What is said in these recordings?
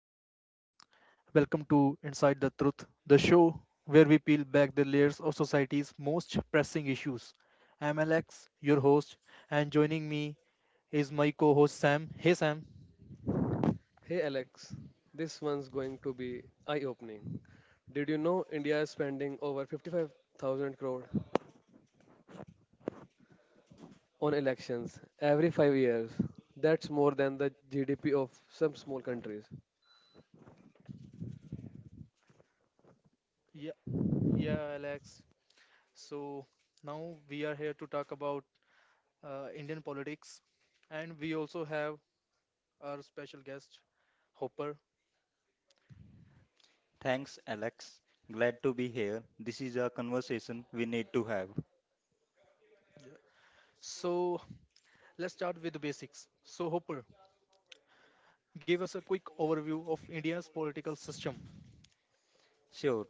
everyone. Welcome to Inside the Truth, the show where we peel back the layers of society's most pressing issues. I'm Alex, your host, and joining me is my co host Sam. Hey, Sam. Hey, Alex, this one's going to be eye opening. Did you know India is spending over 55,000 crore on elections every 5 years? That's more than the GDP of some small countries. Yeah, yeah, Alex. So now we are here to talk about Indian politics, and we also have our special guest, Hopper. Thanks, Alex. Glad to be here. This is a conversation we need to have. So let's start with the basics. So, Hopper, give us a quick overview of India's political system. Sure,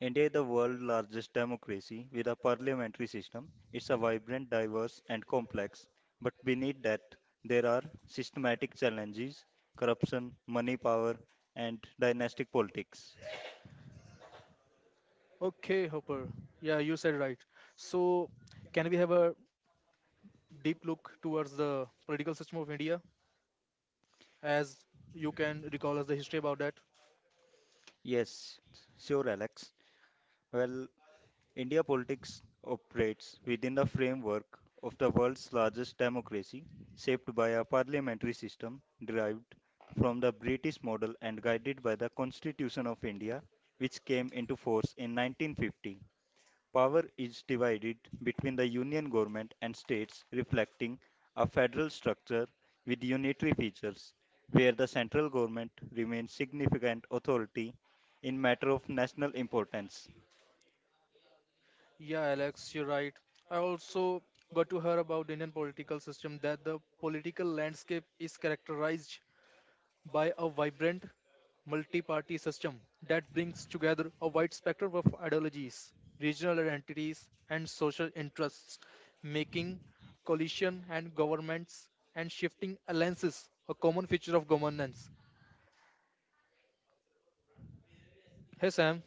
India is the world's largest democracy with a parliamentary system. It's a vibrant, diverse, and complex. But beneath that, there are systematic challenges corruption, money power, and dynasty politics. Okay, Hopper. Yeah, you said right. So, can we have a deep look towards the political system of India as you can recall us the history about that? Yes, sure, Alex. Well, India politics operates within the framework of the world's largest democracy, shaped by a parliamentary system derived from the British model and guided by the Constitution of India, which came into force in 1950. Power is divided between the union government and states, reflecting a federal structure with unitary features, where the central government remains significant authority in matter of national importance. Yeah, Alex, you're right. I also got to hear about the Indian political system that the political landscape is characterized by a vibrant multi-party system that brings together a wide spectrum of ideologies, regional identities, and social interests, making coalition and governments and shifting alliances a common feature of governance. Hey Sam,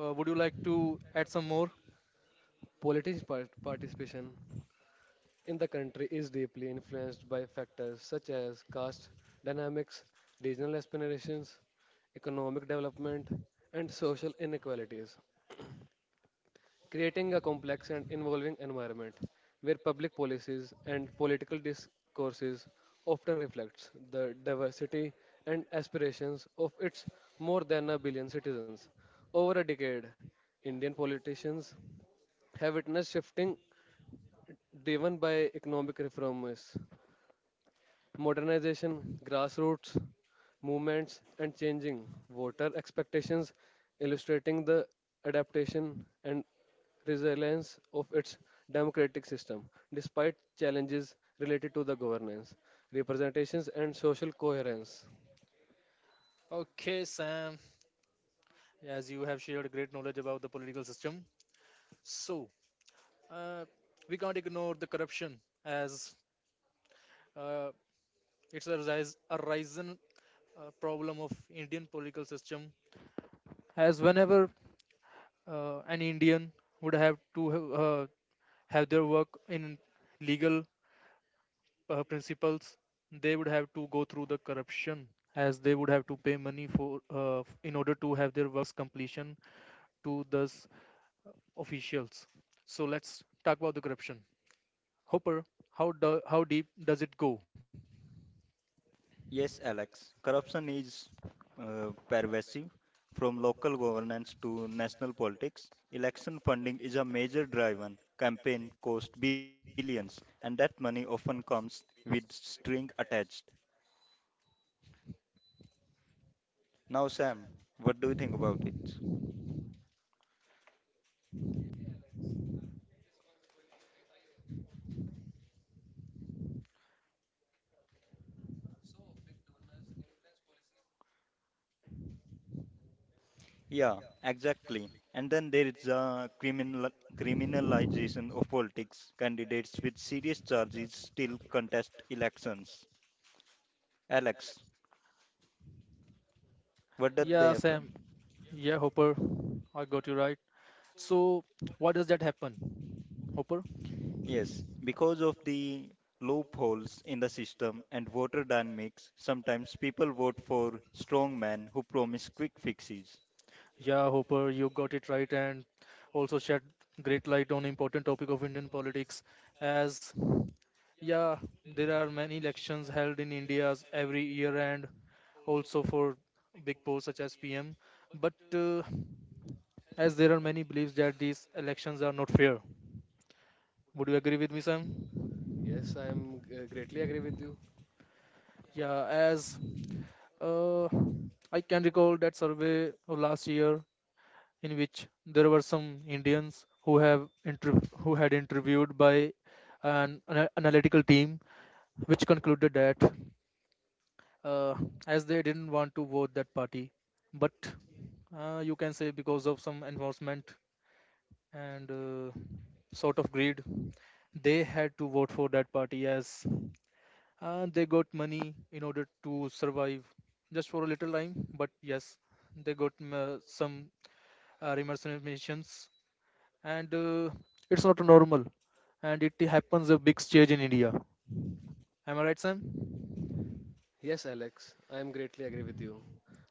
would you like to add some more? Participation in the country is deeply influenced by factors such as caste dynamics, regional aspirations, economic development, and social inequalities, creating a complex and involving environment where public policies and political discourses often reflects the diversity and aspirations of its more than a billion citizens. Over a decade, Indian politicians have witnessed shifting driven by economic reforms, modernization, grassroots movements, and changing voter expectations, illustrating the adaptation and resilience of its democratic system, despite challenges related to the governance, representations, and social coherence. Okay, Sam, as you have shared great knowledge about the political system, so uh, we can't ignore the corruption as uh, it's a, rise, a risen problem of Indian political system, as whenever an Indian would have to have their work in legal principles, they would have to go through the corruption as they would have to pay money for in order to have their works completion to those officials. So let's talk about the corruption. Hopper, how deep does it go? Yes, Alex. Corruption is pervasive from local governance to national politics. Election funding is a major driver. Campaign cost billions, and that money often comes with string attached. Now, Sam, what do you think about it? Yeah, exactly. And then there is a criminalization of politics. Candidates with serious charges still contest elections. Alex, what did they Yeah, happen? Sam. Yeah, Hopper, I got you right. So, why does that happen, Hopper? Yes, because of the loopholes in the system and voter dynamics, sometimes people vote for strong men who promise quick fixes. Yeah, Hopper, you got it right, and also shed great light on important topic of Indian politics. As yeah, there are many elections held in India every year, and also for big posts such as PM. But as there are many beliefs that these elections are not fair. Would you agree with me, Sam? Yes, I am greatly agree with you. Yeah, as Uh, I can recall that survey of last year in which there were some Indians who have who had interviewed by analytical team, which concluded that uh, as they didn't want to vote that party, but you can say because of some enforcement and sort of greed, they had to vote for that party as and they got money in order to survive just for a little time, but yes, they got some remercenations and it's not normal and it happens a big stage in India. Am I right, Sam? Yes, Alex, I am greatly agree with you.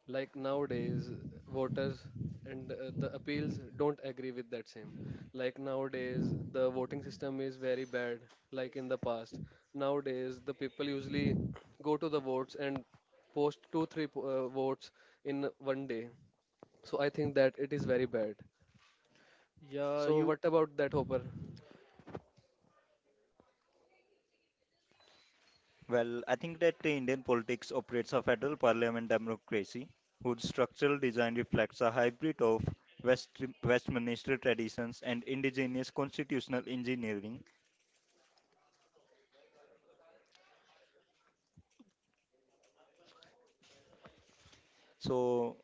Like nowadays, voters and the appeals don't agree with that same. Like nowadays, the voting system is very bad, like in the past. Nowadays, the people usually go to the votes and post two, three votes in one day. So I think that it is very bad. yeah So you what about that, Hopper? Well, I think that the Indian politics operates a federal parliament democracy whose structural design reflects a hybrid of West, Westminster traditions and indigenous constitutional engineering. So,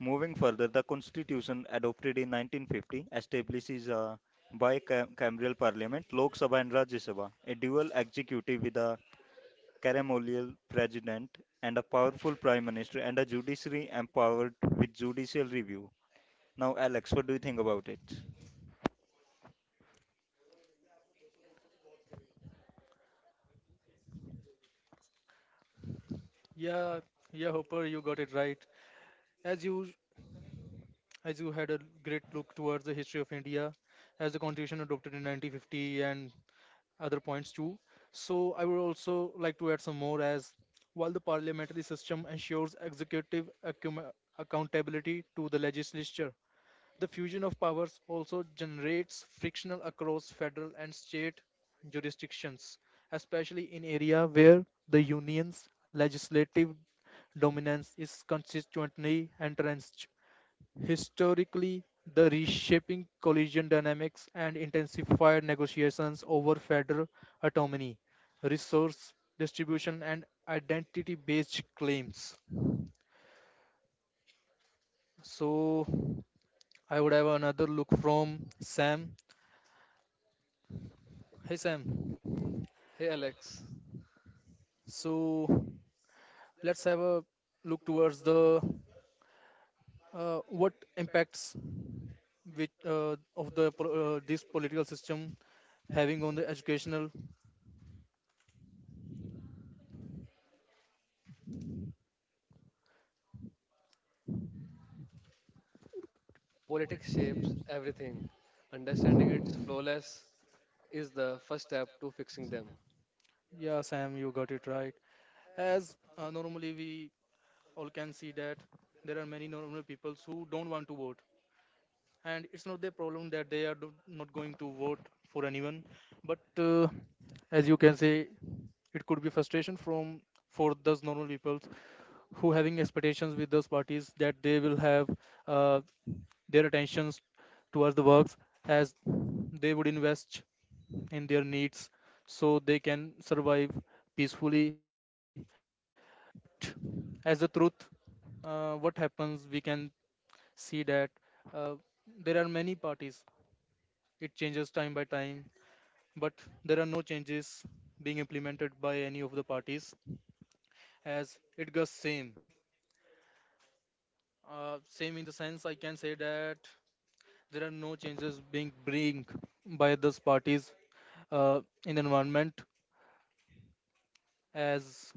moving further, the constitution adopted in 1950 establishes a bicameral parliament, Lok Sabha and Rajya Sabha, a dual executive with a ceremonial president and a powerful prime minister and a judiciary empowered with judicial review. Now, Alex, what do you think about it? yeah, yeah, Hopper, you got it right. as you as you had a great look towards the history of India as the constitution adopted in 1950 and other points too. So I would also like to add some more as while the parliamentary system ensures executive accountability to the legislature, the fusion of powers also generates frictional across federal and state jurisdictions, especially in area where the union's legislative dominance is consistently entrenched. Historically, the reshaping collision dynamics and intensified negotiations over federal autonomy, resource distribution, and identity based claims. So, I would have another look from Sam. Hey, Sam. Hey, Alex, So, let's have a look towards the what impacts which of the this political system having on the educational. politics shapes everything. Understanding its flawless is the first step to fixing them. Yeah, Sam, you got it right. As normally we all can see that there are many normal people who don't want to vote, and it's not their problem that they are not going to vote for anyone. But as you can say, it could be frustration from for those normal people who having expectations with those parties that they will have uh, their attentions towards the works as they would invest in their needs so they can survive peacefully it as the truth, what happens, we can see that uh, there are many parties. It changes time by time, but there are no changes being implemented by any of the parties as it goes same. Same in the sense I can say that there are no changes being bring by those parties uh, in environment as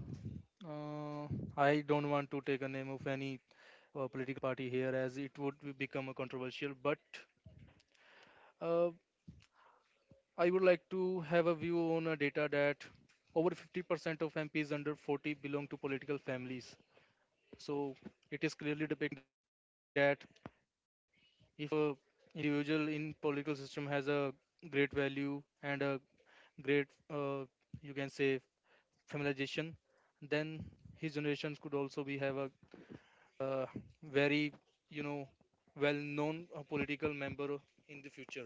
uh, I don't want to take a name of any political party here as it would become a controversial. But Uh, I would like to have a view on a data that over 50% of MPs under 40 belong to political families. So it is clearly depicting that if a individual in political system has a great value and a great, you can say, familiarization, then his generations could also be have a uh, very, you know, well-known political member in the future.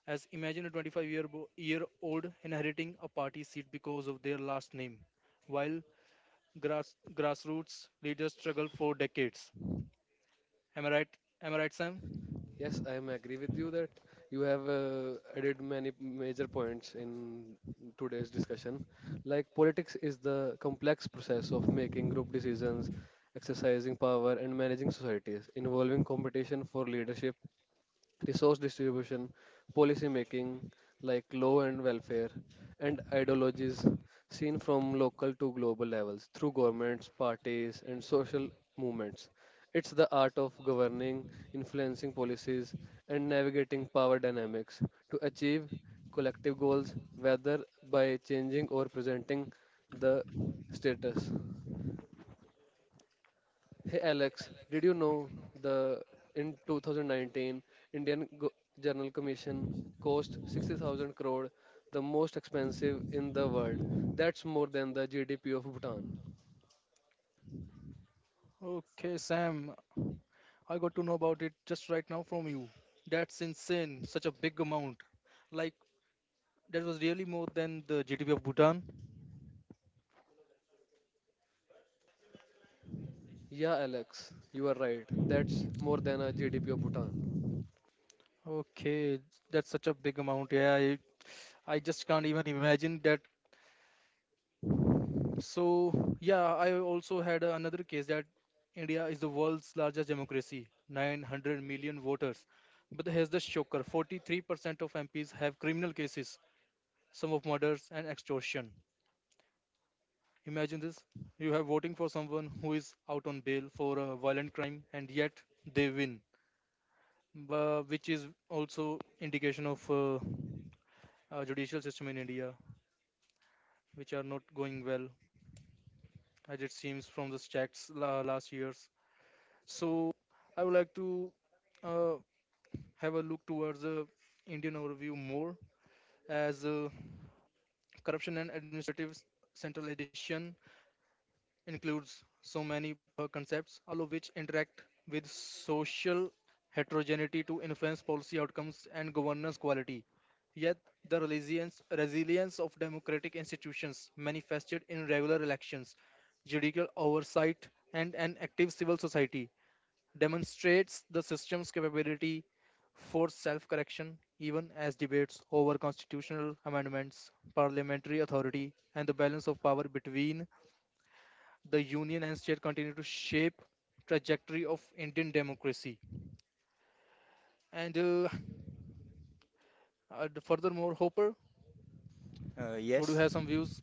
As imagine a 25 year old inheriting a party seat because of their last name, while grassroots leaders struggle for decades. Am I right? Am I right, Sam? Yes, I am agree with you that you have added many major points in today's discussion. Like politics is the complex process of making group decisions, exercising power, and managing societies, involving competition for leadership, resource distribution, policy making like law and welfare, and ideologies seen from local to global levels through governments, parties, and social movements. It's the art of governing, influencing policies, and navigating power dynamics to achieve collective goals, whether by changing or presenting the status. Hey Alex, did you know the in 2019 Indian Go- Journal Commission cost 60,000 crore, the most expensive in the world. That's more than the GDP of Bhutan. Okay, Sam, I got to know about it just right now from you. That's insane, such a big amount. Like, that was really more than the GDP of Bhutan. Yeah, Alex, you are right. That's more than a GDP of Bhutan. Okay, that's such a big amount. Yeah, I just can't even imagine that. So, yeah, I also had another case that India is the world's largest democracy, 900 million voters. But here's the shocker, 43% of MPs have criminal cases, some of murders and extortion. Imagine this, you have voted for someone who is out on bail for a violent crime, and yet they win, which is also indication of judicial system in India, which are not going well, as it seems from the checks last years. So I would like to uh, have a look towards the Indian overview more, as corruption and administrative centralization includes so many concepts, all of which interact with social heterogeneity to influence policy outcomes and governance quality. Yet, the resilience of democratic institutions manifested in regular elections, judicial oversight, and an active civil society demonstrates the system's capability forced self-correction even as debates over constitutional amendments, parliamentary authority, and the balance of power between the union and state continue to shape trajectory of Indian democracy. And furthermore, Hopper, Uh, would you yes, have some views?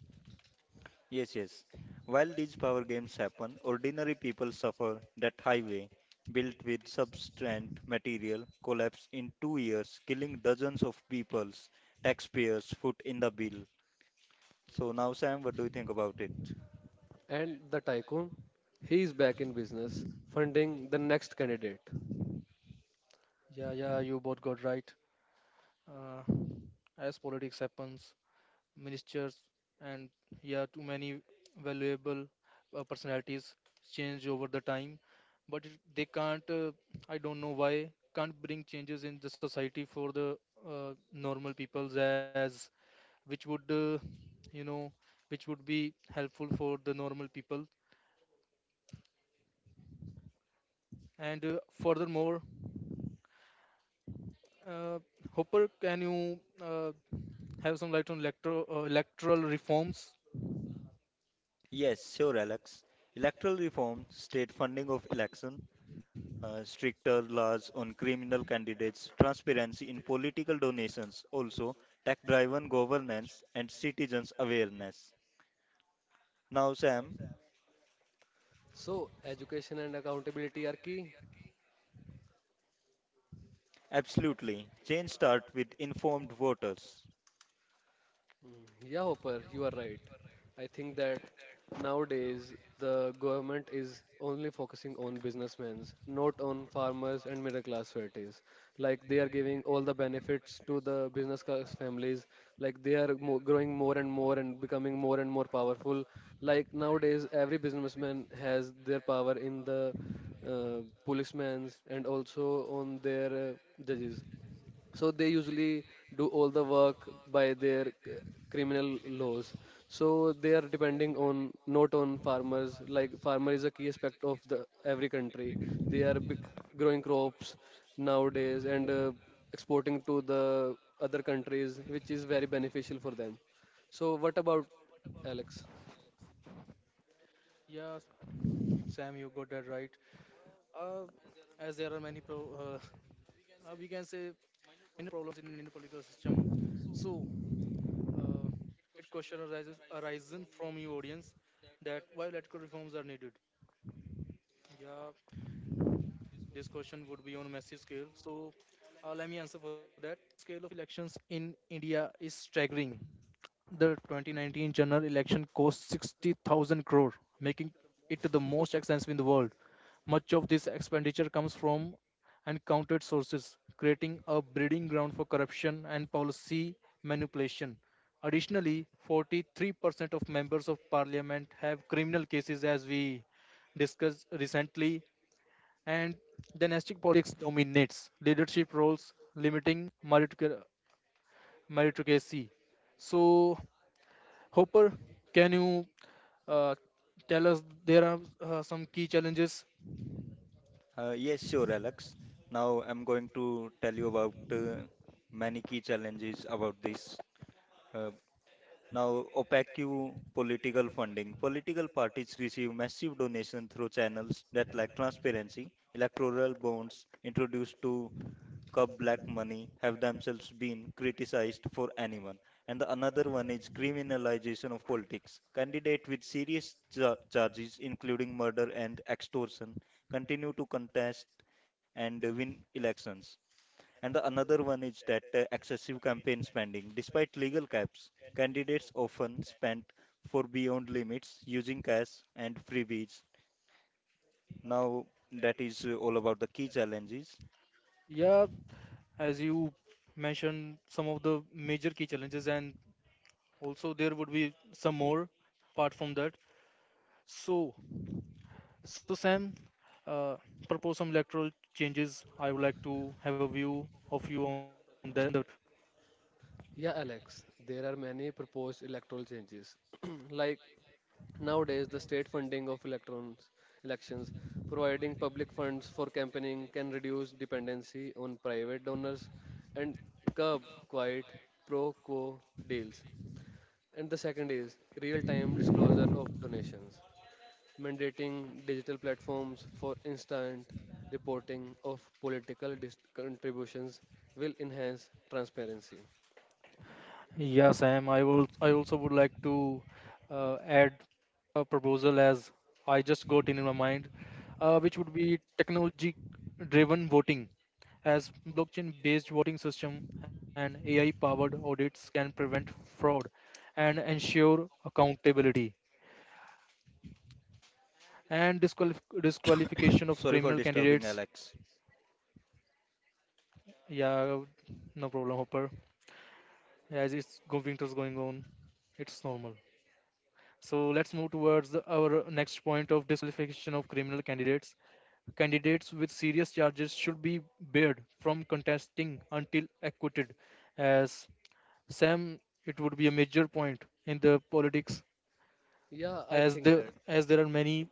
yes. While these power games happen, ordinary people suffer that highway built with substandard material collapsed in two years, killing dozens of people's taxpayers' foot in the bill. So now, Sam, what do you think about it? And the tycoon, he is back in business, funding the next candidate. Yeah, yeah, you both got right. Uh, as politics happens, ministers, and yeah, too many valuable personalities change over the time. But they can't. I don't know why can't bring changes in the society for the normal peoples as which would you know which would be helpful for the normal people. And furthermore, uh, Hopper, can you have some light on electro electoral reforms? Yes, sure, Alex. Electoral reform, state funding of election, stricter laws on criminal candidates, transparency in political donations, also tech-driven governance and citizens' awareness. Now, Sam. So education and accountability are key. Absolutely. Change start with informed voters. Yeah, Hopper, you are right. I think that nowadays the government is only focusing on businessmen, not on farmers and middle class families. Like they are giving all the benefits to the business class families. Like they are mo growing more and more and becoming more and more powerful. Like nowadays, every businessman has their power in the uh, policemen's and also on their judges, so they usually do all the work by their criminal laws, so they are depending on not on farmers, like farmer is a key aspect of the every country. They are growing crops nowadays and exporting to the other countries, which is very beneficial for them. So what about, Alex? Yeah, Sam, you got that right. Uh, as there are many uh, we can say minor problems in Indian political system. So, uh, it question arises arisen from your audience that why electoral reforms are needed. Yeah, this question would be on a massive scale. So, let me answer for that. Scale of elections in India is staggering. The 2019 general election cost 60,000 crore, making it the most expensive in the world. Much of this expenditure comes from uncounted sources, creating a breeding ground for corruption and policy manipulation. Additionally, 43% of members of parliament have criminal cases, as we discussed recently, and dynastic politics dominates leadership roles, limiting meritocra- meritocracy. So, Hopper, can you uh, tell us there are some key challenges? Yes, sure, Alex. Now I'm going to tell you about many key challenges about this. Uh, Now, opaque political funding. Political parties receive massive donation through channels that lack transparency. Electoral bonds introduced to Cup Black Money have themselves been criticized for anyone. And the another one is criminalization of politics. Candidates with serious charges, including murder and extortion, continue to contest and win elections. And the another one is that excessive campaign spending. Despite legal caps, candidates often spend for beyond limits using cash and freebies. Now, that is all about the key challenges. Yeah, as you mentioned, some of the major key challenges, and also there would be some more apart from that. So, so Sam, uh, propose some electoral changes. I would like to have a view of you on that. Yeah, Alex, there are many proposed electoral changes. Like nowadays, the state funding of electrons, elections, providing public funds for campaigning can reduce dependency on private donors and curb quiet pro quo deals. And the second is real time disclosure of donations, mandating digital platforms for instant reporting of political contributions will enhance transparency. Yeah, Sam, I also would like to add a proposal as I just got in my mind, which would be technology driven voting as blockchain based voting system and AI powered audits can prevent fraud and ensure accountability and disqualification of Sorry for criminal disturbing, candidates. Alex. Yeah, no problem, Hopper. As it's winter's going on, it's normal. So let's move towards our next point of disqualification of criminal candidates. Candidates with serious charges should be barred from contesting until acquitted. As Sam, it would be a major point in the politics, Yeah, I as think that. There are many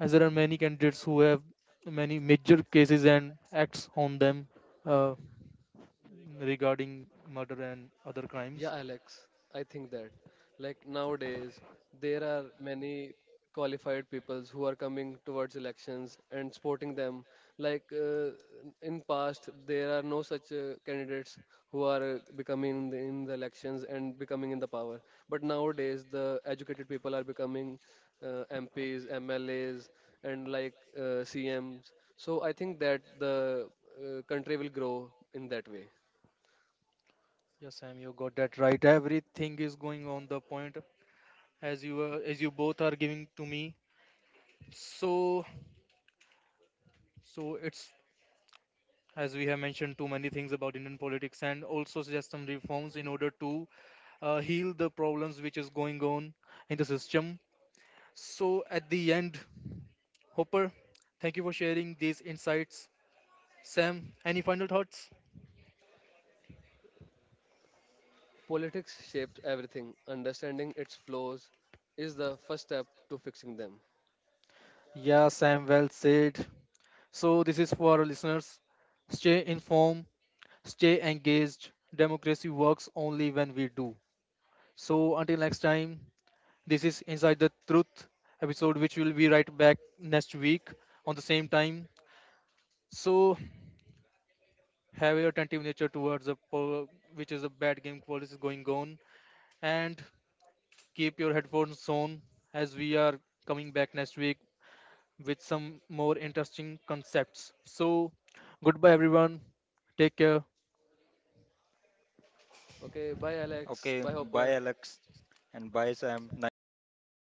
as there are many candidates who have many major cases and acts on them uh, regarding murder and other crimes. Yeah, Alex, I think that like nowadays there are many qualified peoples who are coming towards elections and supporting them. Like in past, there are no such candidates who are becoming in the elections and becoming in the power. But nowadays, the educated people are becoming MPs, MLAs, and like CMs. So I think that the country will grow in that way. Yes, Sam, you got that right. Everything is going on the point, as you both are giving to me. So it's as we have mentioned too many things about Indian politics and also suggest some reforms in order to heal the problems which is going on in the system. So at the end, Hopper, thank you for sharing these insights. Sam, any final thoughts? Politics shapes everything. Understanding its flaws is the first step to fixing them. Yeah, Sam, well said. So this is for our listeners. Stay informed, stay engaged. Democracy works only when we do. So until next time, this is Inside the Truth episode, which will be right back next week on the same time. So have your attentive nature towards the which is a bad game policy going on, and keep your headphones on as we are coming back next week with some more interesting concepts. So goodbye everyone. Take care. Okay, bye Alex, Okay, bye bye Hopper. Alex and bye Sam. Nice to meet you both.